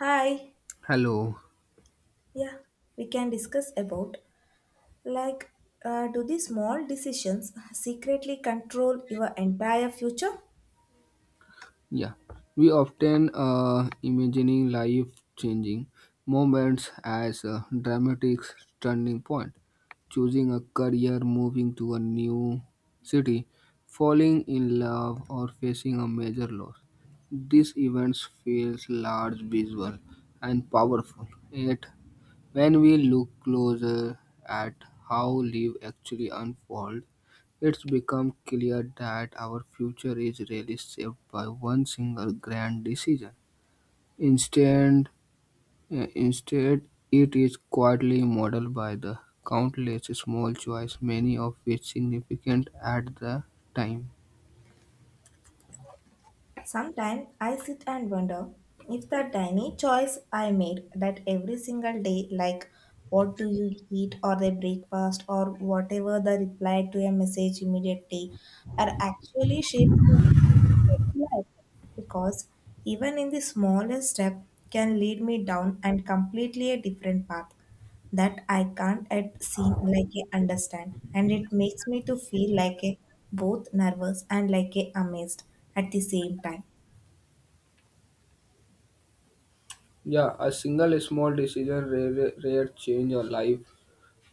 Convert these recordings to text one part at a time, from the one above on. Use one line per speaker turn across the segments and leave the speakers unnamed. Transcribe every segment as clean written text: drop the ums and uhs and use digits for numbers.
Hi.
Hello.
Yeah, we can discuss about like do these small decisions secretly control your entire future?
Yeah. We often imagining life changing moments as a dramatic turning point, choosing a career, moving to a new city, falling in love, or facing a major loss. These events feel large, visual, and powerful, yet when we look closer at how life actually unfolds, it's become clear that our future is really shaped by one single grand decision. Instead, instead, it is quietly modeled by the countless small choices, many of which significant at the time.
Sometimes I sit and wonder if the tiny choice I made that every single day, like what do you eat or the breakfast or whatever the reply to a message immediately, are actually shapes life because even in the smallest step can lead me down and completely a different path that I can't at seen like a understand, and it makes me to feel like a both nervous and like a amazed at the same time.
Yeah, a single small decision rare change a life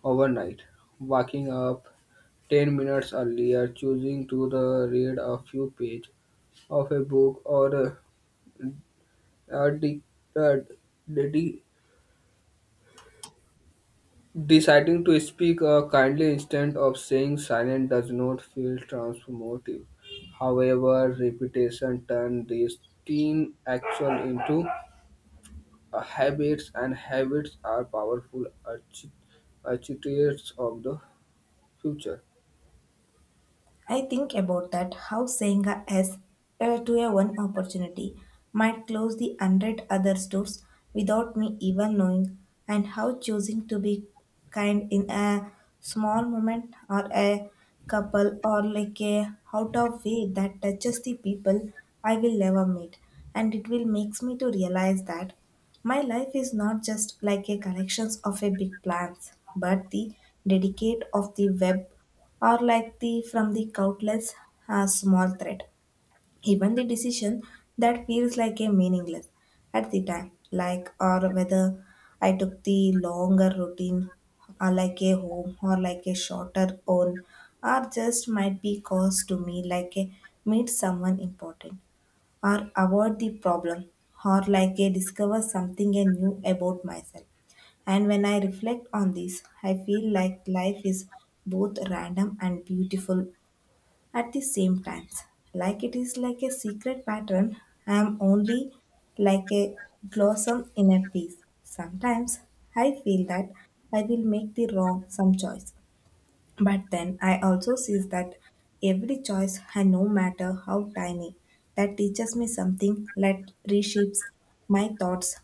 overnight, waking up 10 minutes earlier, choosing to the read a few pages of a book, or uh, de- uh, de- de- deciding to speak kindly instead of saying silent does not feel transformative. However, repetition turns these teen action into habits, and habits are powerful architects of the future.
I think about that how saying a yes to a one opportunity might close the hundred other doors without me even knowing, and how choosing to be kind in a small moment or a couple or like a out of way that touches the people I will never meet, and it will makes me to realize that my life is not just like a collections of a big plans, but the dedicate of the web or like the from the countless small thread. Even the decision that feels like a meaningless at the time, like or whether I took the longer routine or like a home or like a shorter own or just might be cause to me like a meet someone important or avoid the problem or like I discover something new about myself. And when I reflect on this, I feel like life is both random and beautiful at the same times. Like it is like a secret pattern, I am only like a blossom in a piece. Sometimes I feel that I will make the wrong some choice, but then I also see that every choice, and no matter how tiny, that teaches me something that reshapes my thoughts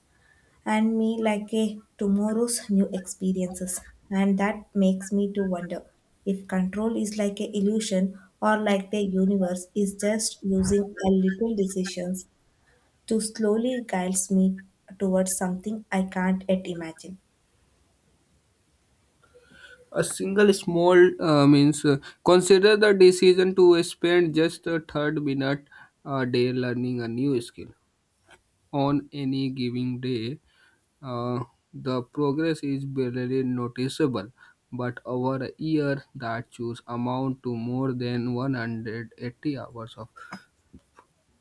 and me like a tomorrow's new experiences. And that makes me to wonder if control is like a illusion or like the universe is just using a little decisions to slowly guides me towards something I can't yet imagine.
A single small means consider the decision to spend just a third minute a day learning a new skill on any given day. Uh, the progress is barely noticeable, but over a year that should amount to more than 180 hours of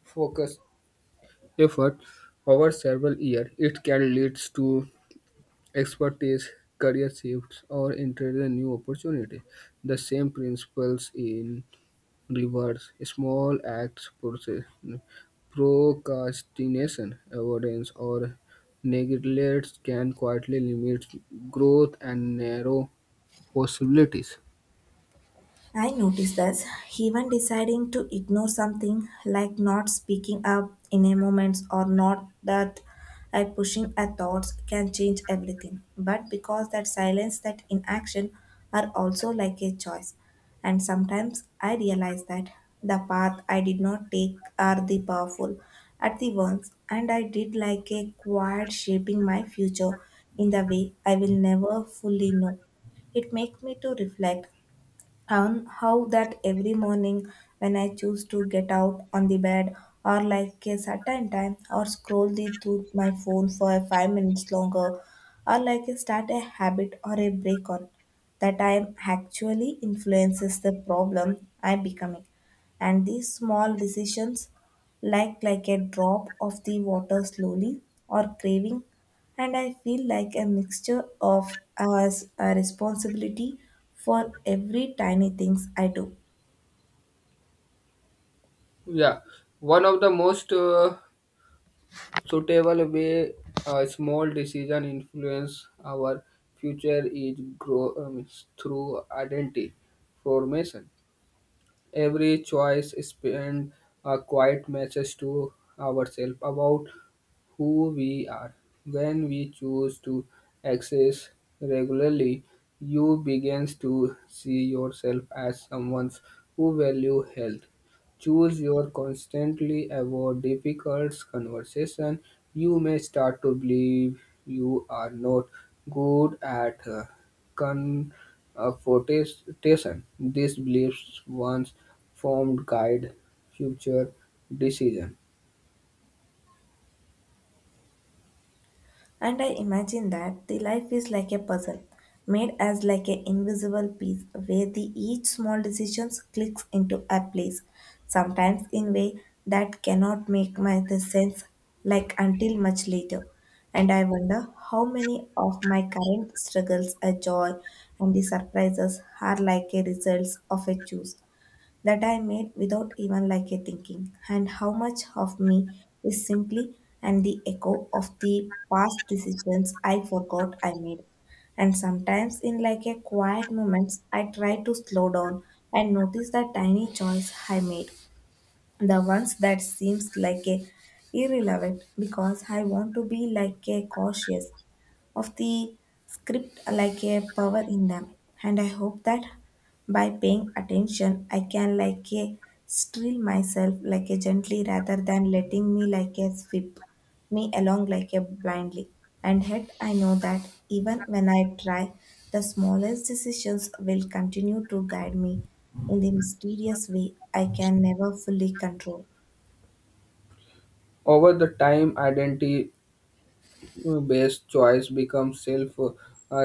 focus effort over several years. It can lead to expertise, career shifts, or entering a new opportunity. The same principles in reverse. Small acts, process, procrastination, avoidance, or neglect can quietly limit growth and narrow possibilities.
I noticed that even deciding to ignore something, like not speaking up in a moment or not that I pushing a thoughts, can change everything. But because that silence, that inaction are also like a choice. And sometimes I realize that the path I did not take are the powerful at the once, and I did like a quiet shaping my future in the way I will never fully know. It makes me to reflect on how that every morning when I choose to get out on the bed or like a certain time or scroll the through my phone for 5 minutes longer or like a start a habit or a break on, that I am actually influences the problem I am becoming, and these small decisions like a drop of the water slowly or craving, and I feel like a mixture of as a responsibility for every tiny things I do.
Yeah, one of the most suitable way a small decision influence our future is grow through identity formation. Every choice spend a quiet message to ourselves about who we are. When we choose to access regularly, you begins to see yourself as someone who value health. Choose your constantly avoid difficult conversation. You may start to believe you are not good at her confrontation. These beliefs once formed guide future decision.
And I imagine that the life is like a puzzle, made as like an invisible piece where the each small decision clicks into a place, sometimes in way that cannot make my the sense like until much later. And I wonder how many of my current struggles, a joy, and the surprises are like a results of a choose that I made without even like a thinking, and how much of me is simply and the echo of the past decisions I forgot I made. And sometimes in like a quiet moments I try to slow down and notice the tiny choice I made. The ones that seems like a irrelevant, because I want to be like a cautious of the script like a power in them, and I hope that by paying attention I can like a steal myself like a gently rather than letting me like a sweep me along like a blindly. And yet I know that even when I try, the smallest decisions will continue to guide me in the mysterious way I can never fully control.
Over the time, identity based choice becomes self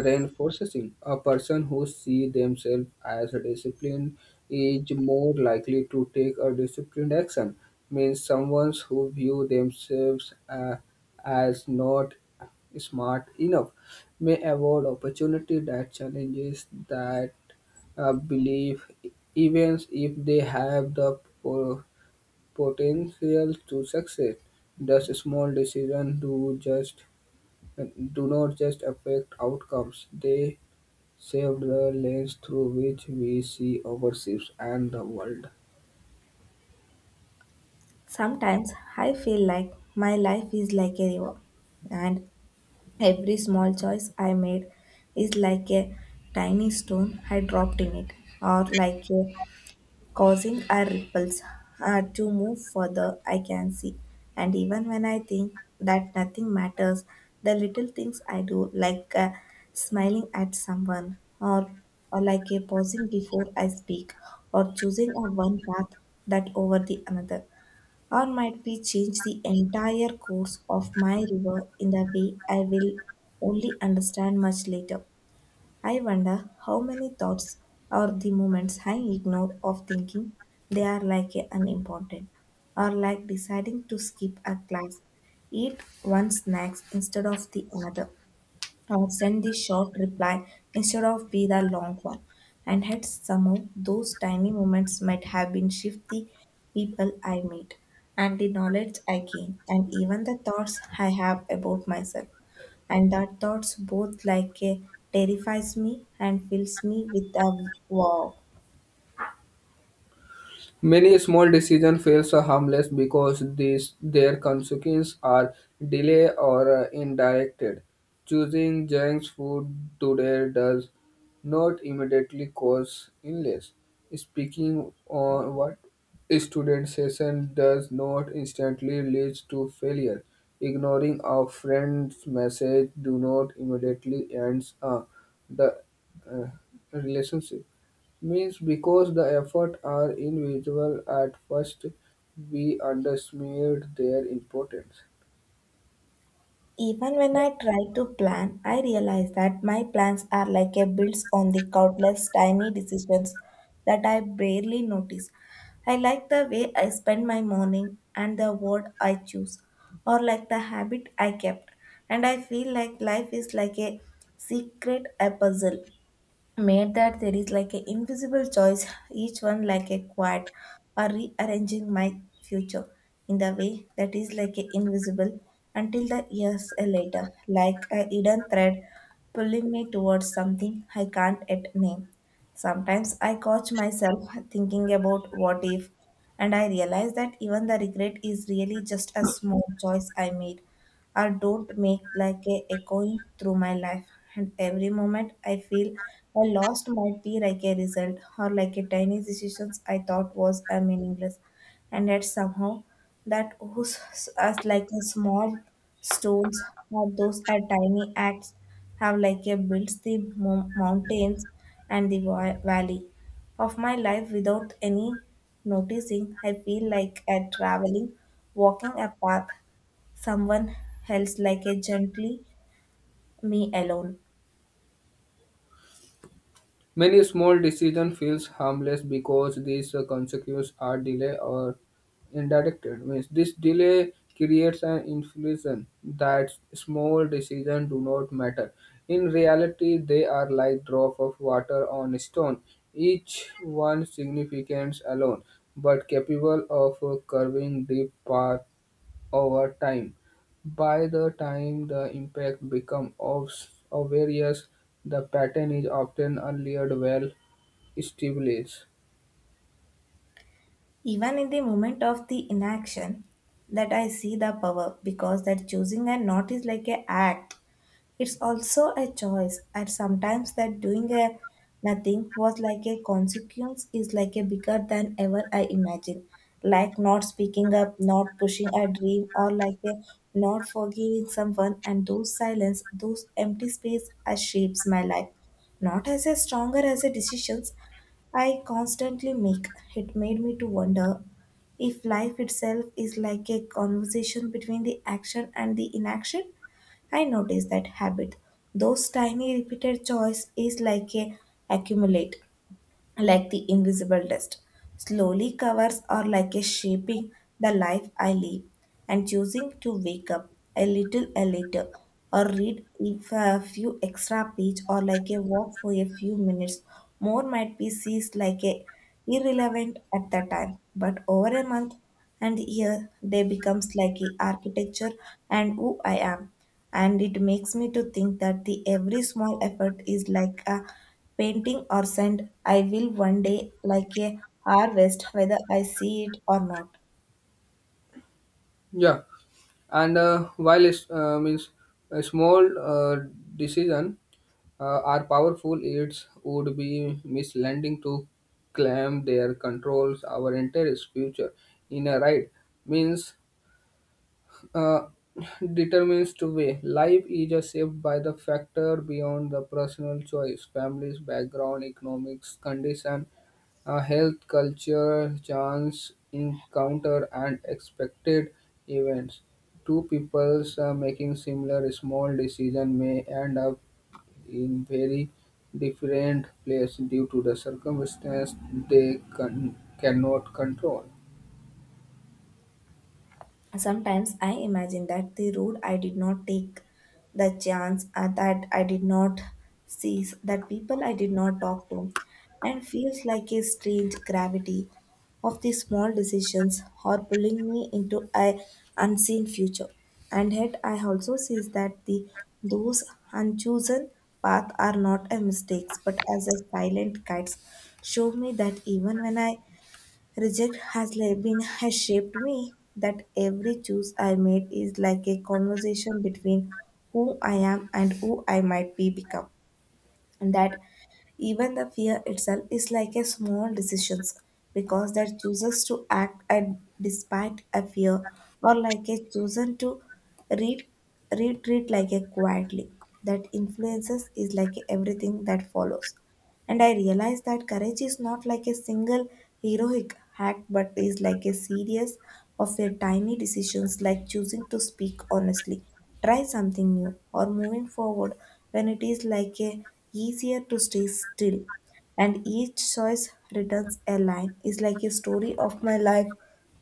reinforcing. A person who sees themselves as a discipline is more likely to take a disciplined action. Means someone who view themselves as not smart enough may avoid opportunity that challenges that belief, even if they have the potential to succeed. Thus, small decisions do just do not just affect outcomes, they shape the lens through which we see ourselves and the world.
Sometimes I feel like my life is like a river, and every small choice I made is like a tiny stone I dropped in it, or like a causing a ripples to move further I can see. And even when I think that nothing matters, the little things I do, smiling at someone, or like a pausing before I speak, or choosing a one path that over the another or might we change the entire course of my river in the way I will only understand much later? I wonder how many thoughts or the moments I ignore of thinking they are like a unimportant, or like deciding to skip a class, eat one snacks instead of the another, or send the short reply instead of be the long one. And yet somehow those tiny moments might have been shift the people I meet and the knowledge I gain and even the thoughts I have about myself. And that thoughts both like a terrifies me and fills me with a wow.
Many small decision feels are harmless because these their consequences are delayed or indirected. Choosing junk food today does not immediately cause illness. Speaking on what a student session does not instantly lead to failure. Ignoring a friend's message do not immediately ends the uh, relationship means because the efforts are invisible at first, we underestimate their importance.
Even when I try to plan, I realize that my plans are like a builds on the countless tiny decisions that I barely notice. I like the way I spend my morning and the word I choose, or like the habit I kept. And I feel like life is like a secret a puzzle made that there is like an invisible choice, each one like a quad or rearranging my future in the way that is like a invisible until the years later, like a hidden thread pulling me towards something I can't yet name. Sometimes I catch myself thinking about what if, and I realize that even the regret is really just a small choice I made or don't make, like a echoing through my life. And every moment I feel I lost might be like a result or like a tiny decisions I thought was a meaningless. And yet somehow that was as like a small stones or those are tiny acts have like a builds the mountains and the valley of my life without any noticing. I feel like I traveling walking a path someone else like a gently me alone.
Many small decisions feels harmless because these consequences are delayed or indirected. Means this delay creates an illusion that small decisions do not matter. In reality, they are like drop of water on a stone, each one significant alone, but capable of curving deep path over time. By the time the impact becomes obvious, the pattern is often earlier well established.
Even in the moment of the inaction, that I see the power, because that choosing and not is like a act. It's also a choice, and sometimes that doing a nothing was like a consequence is like a bigger than ever I imagine. Like not speaking up, not pushing a dream, or like a not forgiving someone, and those silence, those empty space, shapes my life. Not as a stronger as a decisions, I constantly make. It made me to wonder if life itself is like a conversation between the action and the inaction. I notice that habit, those tiny repeated choice is like a accumulate, like the invisible dust, slowly covers or like a shaping the life I live. And choosing to wake up a little or read if a few extra page or like a walk for a few minutes more might be seized like a irrelevant at the time, but over a month and year they becomes like a architecture and who I am. And it makes me to think that the every small effort is like a painting or sand I will one day like a harvest, whether I see it or not.
Yeah, and while it's, means a small decision are powerful, it would be misleading to claim their controls our entire future. In a right means uh, determines to be. Life is a shaped by the factor beyond the personal choice, families, background, economics, condition, health, culture, chance, encounter, and expected events. Two peoples making similar small decision may end up in very different place due to the circumstance they cannot control.
Sometimes I imagine that the road I did not take, the chance that I did not seize, that people I did not talk to, and feels like a strange gravity of these small decisions or pulling me into a unseen future. And yet I also see that the those unchosen paths are not a mistakes but as a silent guides, show me that even when I reject has like been has shaped me, that every choice I made is like a conversation between who I am and who I might be become. And that even the fear itself is like a small decisions, because that chooses to act and despite a fear or like a chosen to read retreat like a quietly, that influences is like everything that follows. And I realized that courage is not like a single heroic act, but is like a series of your tiny decisions, like choosing to speak honestly, try something new, or moving forward when it is like a easier to stay still. And each choice returns a line is like a story of my life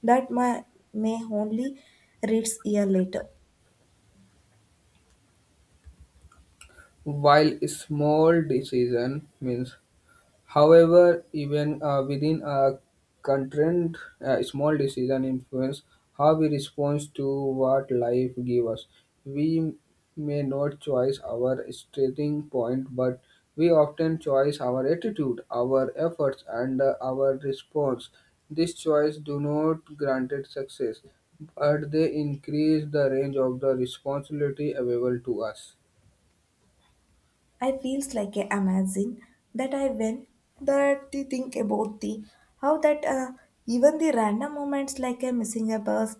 that my may only reads year later.
While small decision means however, even within a constraint, small decision influence how we respond to what life gives us. We may not choose our starting point, but we often choose our attitude, our efforts, and our response. These choice do not grant it success, but they increase the range of the responsibility available to us.
I feels like a amazing that I win that the think about the how that even the random moments like a missing a bus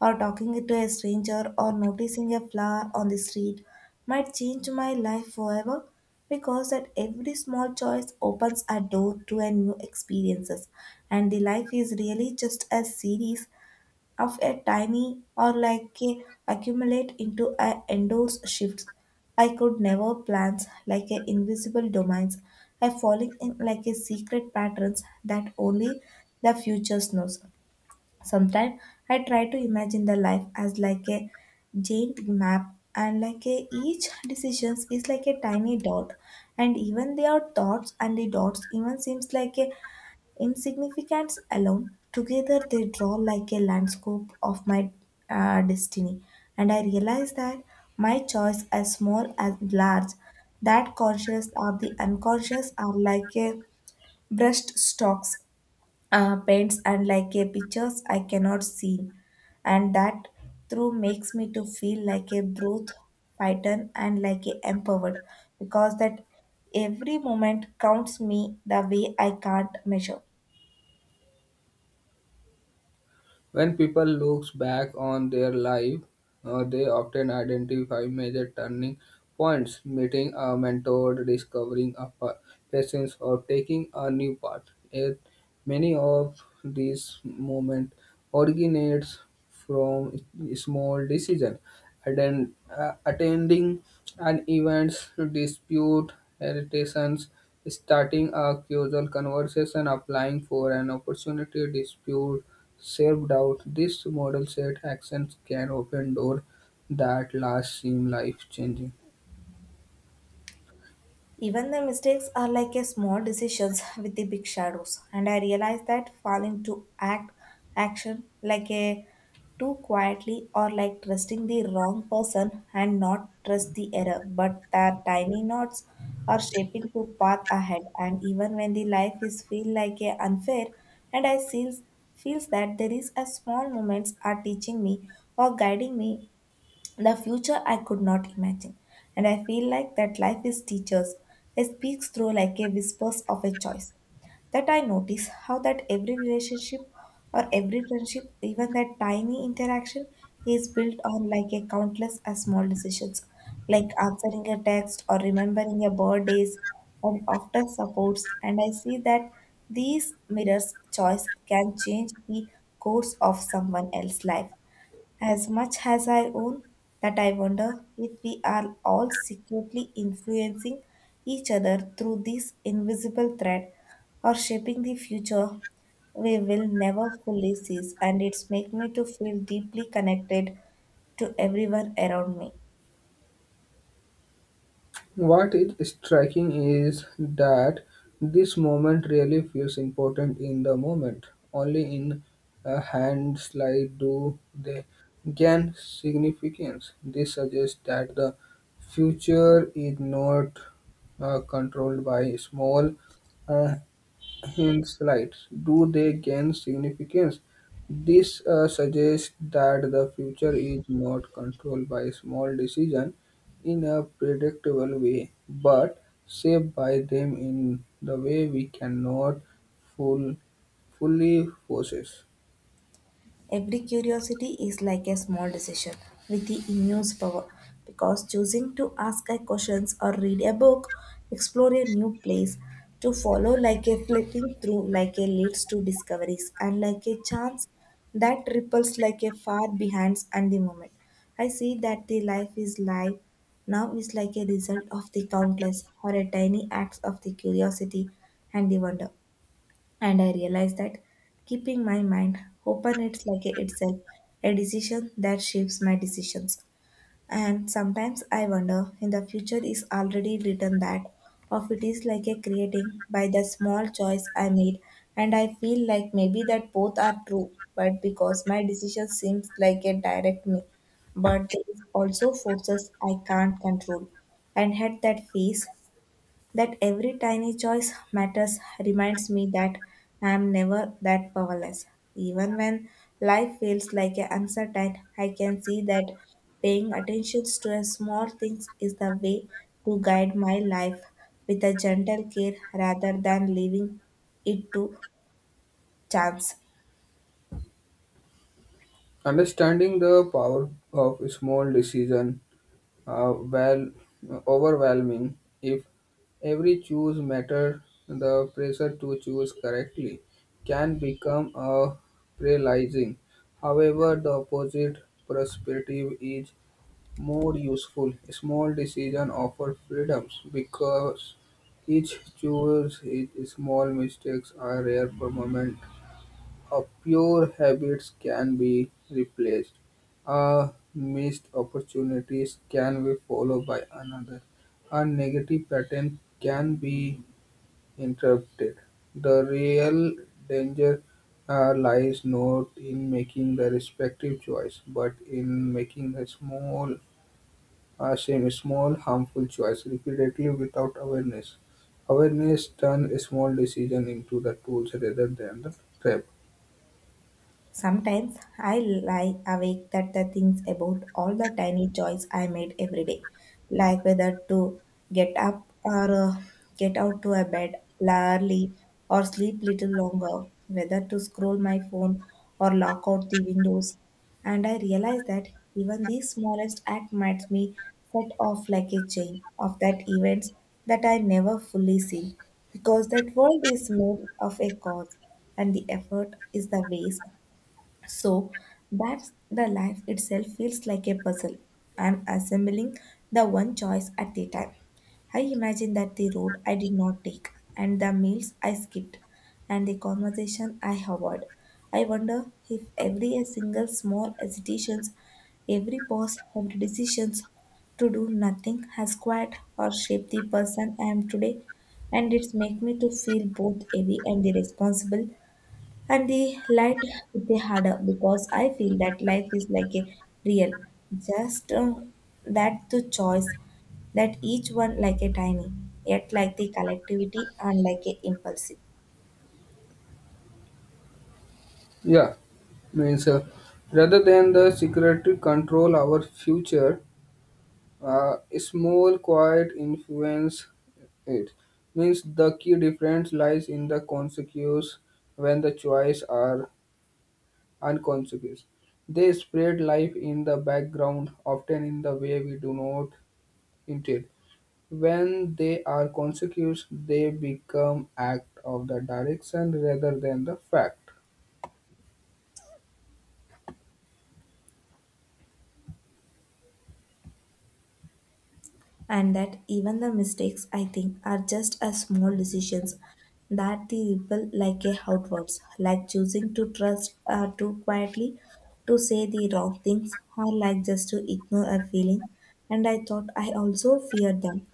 or talking to a stranger or noticing a flower on the street might change my life forever, because that every small choice opens a door to a new experiences, and the life is really just a series of a tiny or like a accumulate into a endless shifts. I could never plans like a invisible domains. I falling in like a secret patterns that only the future knows. Sometimes I try to imagine the life as like a giant map, and like a, each decisions is like a tiny dot, and even their thoughts and the dots even seems like a insignificance alone, together they draw like a landscape of my destiny. And I realize that my choice, as small as large, that conscious or the unconscious, are like a brushed strokes, paints, and like a pictures I cannot see. And that through makes me to feel like a brute python and like a empowered, because that every moment counts me the way I can't measure.
When people look back on their life, they often identify major turning points, meeting a mentor, discovering a passion, or taking a new path. Yet many of these moments originates from small decision attend attending an event dispute irritations starting a casual conversation applying for an opportunity dispute self-doubt this model set actions can open door that last seem life-changing.
Even the mistakes are like a small decisions with the big shadows. And I realized that falling to act action like a too quietly, or like trusting the wrong person and not trust the error. But the tiny knots are shaping to path ahead. And even when the life is feel like a unfair, and I feels that there is a small moments are teaching me or guiding me the future I could not imagine, and I feel like that life is teachers. It speaks through like a whispers of a choice. That I notice how that every relationship or every friendship, even that tiny interaction, is built on like a countless small decisions, like answering a text or remembering a birthdays, and often supports. And I see that these mirrors choice can change the course of someone else's life. As much as I own, that I wonder if we are all secretly influencing each other through this invisible thread or shaping the future we will never fully seize, and it's make me to feel deeply connected to everyone around me.
What is striking is that this moment really feels important in the moment. Only in a hand slide do they gain significance. This suggests that the future is not controlled by small uh, hence, right, do they gain significance? This suggests that the future is not controlled by small decisions in a predictable way, but shaped by them in the way we cannot full, fully process.
Every curiosity is like a small decision with the immense power, because choosing to ask a questions or read a book, explore a new place, to follow like a flitting through like a leads to discoveries and like a chance that ripples like a far behind and the moment. I see that the life is life now is like a result of the countless or a tiny acts of the curiosity and the wonder, and I realized that keeping my mind open it's like a- itself a decision that shapes my decisions. And sometimes I wonder in the future is already written, that of it is like a creating by the small choice I made, and I feel like maybe that both are true, but because my decision seems like a direct me, but there is also forces I can't control. And had that phase that every tiny choice matters reminds me that I am never that powerless. Even when life feels like a uncertain, I can see that paying attention to a small things is the way to guide my life with a gentle care, rather than leaving it to chance.
Understanding the power of small decision well, overwhelming. If every choose matter, the pressure to choose correctly can become a paralyzing. However, the opposite perspective is more useful. Small decision offer freedoms because each choose each small mistakes are rare for moment. A pure habits can be replaced. A missed opportunities can be followed by another. A negative pattern can be interrupted. The real danger lies not in making the respective choice, but in making the small, same small harmful choice repeatedly without awareness. Awareness turns a small decision into the tools rather than the trap.
Sometimes I lie awake that the things about all the tiny choice I made every day, like whether to get up or get out to a bed early or sleep little longer, whether to scroll my phone or lock out the windows. And I realize that even these smallest act might me set off like a chain of that events that I never fully see, because that world is made of a cause and the effort is the waste, so that's the life itself feels like a puzzle. I'm assembling the one choice at a time. I imagine that the road I did not take, and the meals I skipped, and the conversation I avoid. I wonder if every single small hesitations, every pause, every decisions to do nothing has quite or shaped the person I am today, and it's make me to feel both heavy and irresponsible and the light they had because I feel that life is like a real, just that the choice that each one like a tiny, yet like the collectivity and like a impulsive.
Yeah, means rather than the secretary control our future, a small quiet influence it. Means the key difference lies in the consequences when the choice are unconsequential. They spread life in the background, often in the way we do not intend. When they are consequences, they become act of the direction rather than the fact.
And that even the mistakes I think are just as small decisions that they ripple like a outwards, like choosing to trust too quietly, to say the wrong things, or like just to ignore a feeling. And I thought I also feared them.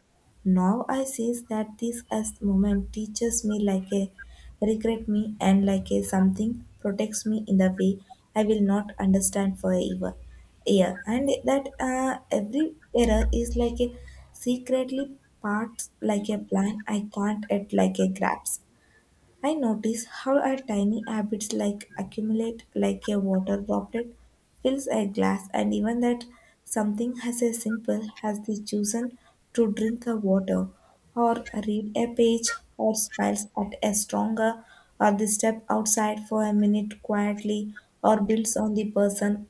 Now I sees that this as moment teaches me like a regret me and like a something protects me in the way I will not understand forever. Yeah, and that every error is like a secretly part like a plan I can't at like a grabs. I notice how our tiny habits like accumulate like a water droplet fills a glass, and even that something as a simple as the chosen to drink a water or read a page or smiles at a stronger or the step outside for a minute quietly or builds on the person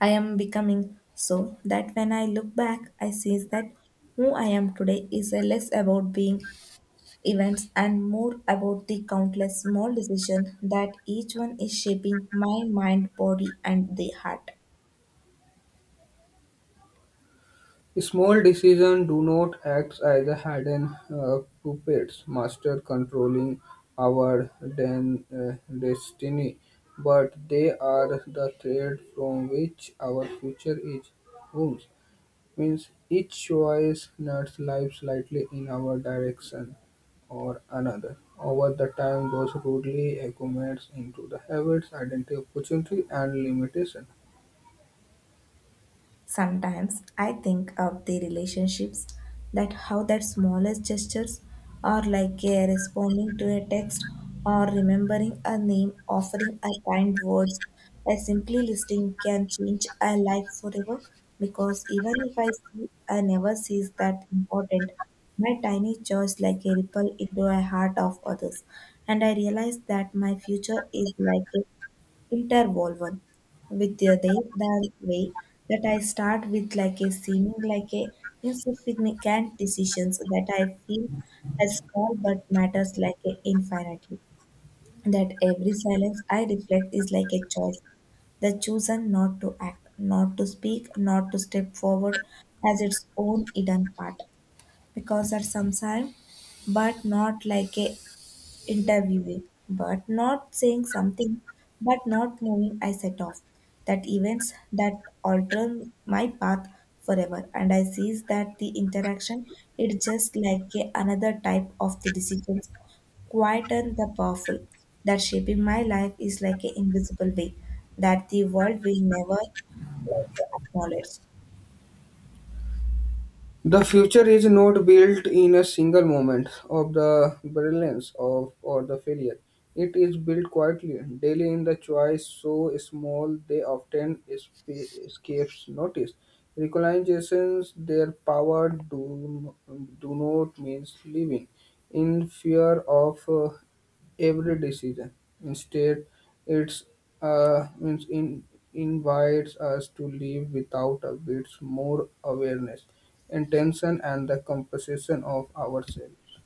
I am becoming, so that when I look back, I see that who I am today is less about being events and more about the countless small decisions that each one is shaping my mind, body, and the heart.
Small decisions do not act as a hidden puppets, master controlling our destiny, but they are the thread from which our future is woven. Means each choice nuts life slightly in our direction or another. Over the time, those rudely accumulates into the habits, identity, opportunity, and limitation.
Sometimes I think of the relationships, that how that smallest gestures are like a responding to a text or remembering a name, offering a kind words, a simply listening can change a life forever, because even if I see I never sees that important, my tiny choice like a ripple into a heart of others. And I realize that my future is like a interwoven with their day the way that I start with like a seeming like a insignificant decisions that I feel as small but matters like a infinitely. That every silence I reflect is like a choice, the chosen not to act, not to speak, not to step forward as its own hidden part. Because at some time, but not like a interviewing, but not saying something, but not moving, I set off. That events that alter my path forever, and I sees that the interaction is just like a, another type of the decisions, quiet and the powerful, that shaping my life is like an invisible way that the world will never like acknowledge.
The future is not built in a single moment of the brilliance of or the failure. It is built quietly, daily in the choice so small they often escapes notice. Recognitions their power do not means living in fear of every decision. Instead, it's means invites us to live without a bit more awareness, intention, and the composition of ourselves.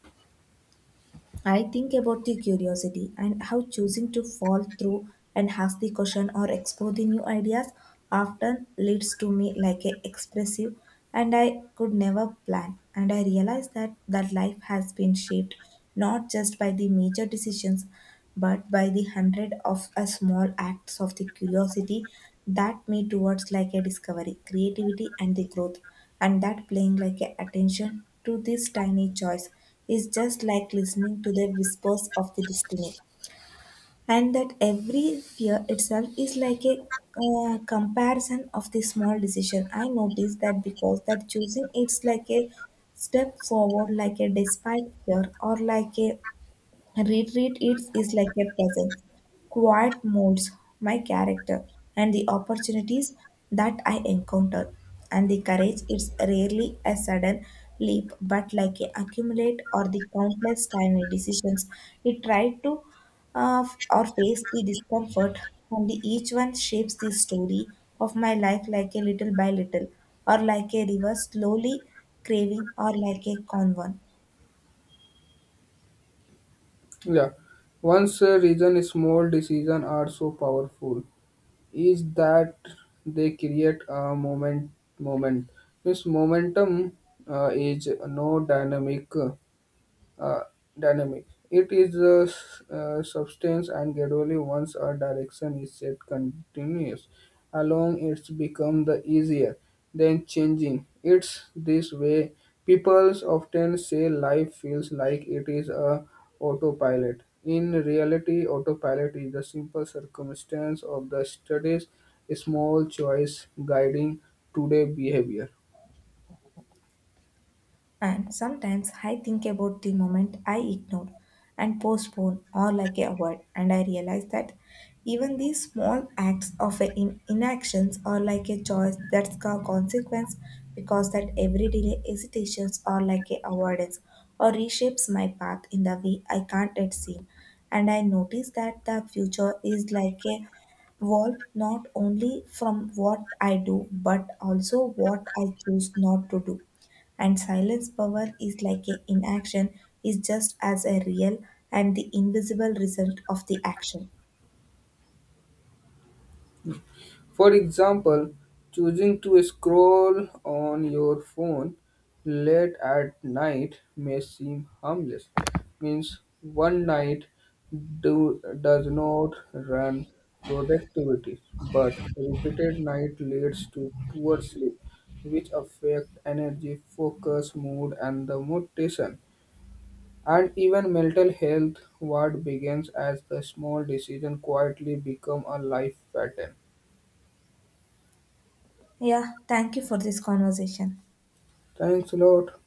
I think about the curiosity and how choosing to fall through and ask the question or explore the new ideas often leads to me like a expressive and I could never plan. And I realize that that life has been shaped not just by the major decisions, but by the hundred of a small acts of the curiosity that me towards like a discovery, creativity and the growth, and that playing like a attention to this tiny choice is just like listening to the whispers of the destiny. And that every fear itself is like a comparison of the small decision I noticed, that because that choosing it's like a step forward like a despite fear, or like a retreat eats is like a presence. Quiet molds my character and the opportunities that I encounter. And the courage is rarely a sudden leap, but like a accumulate or the countless tiny decisions. It try to f- or face the discomfort, and the, each one shapes the story of my life like a little by little, or like a river slowly craving, or like a convent.
Yeah, once a reason small decisions are so powerful is that they create a moment. Moment. This momentum is no dynamic. uh, Dynamic. It is a substance, and gradually, once a direction is set, continues along it's become the easier than changing. It's this way. People often say life feels like it is a autopilot. In reality, autopilot is the simple circumstance of the studies, small choice guiding today behavior.
And sometimes I think about the moment I ignore and postpone or like a word, and I realize that even these small acts of a inactions are like a choice that's a consequence, because that every delay hesitations are like a avoidance or reshapes my path in the way I can't yet see. And I notice that the future is like a evolve not only from what I do but also what I choose not to do. And silence power is like a inaction is just as a real and the invisible result of the action.
For example, choosing to scroll on your phone late at night may seem harmless. Means one night does not run productivity, but repeated night leads to poor sleep, which affect energy, focus, mood, and the motivation. And even mental health, what begins as a small decision quietly become a life pattern.
Yeah, thank you for this conversation.
Thanks a lot.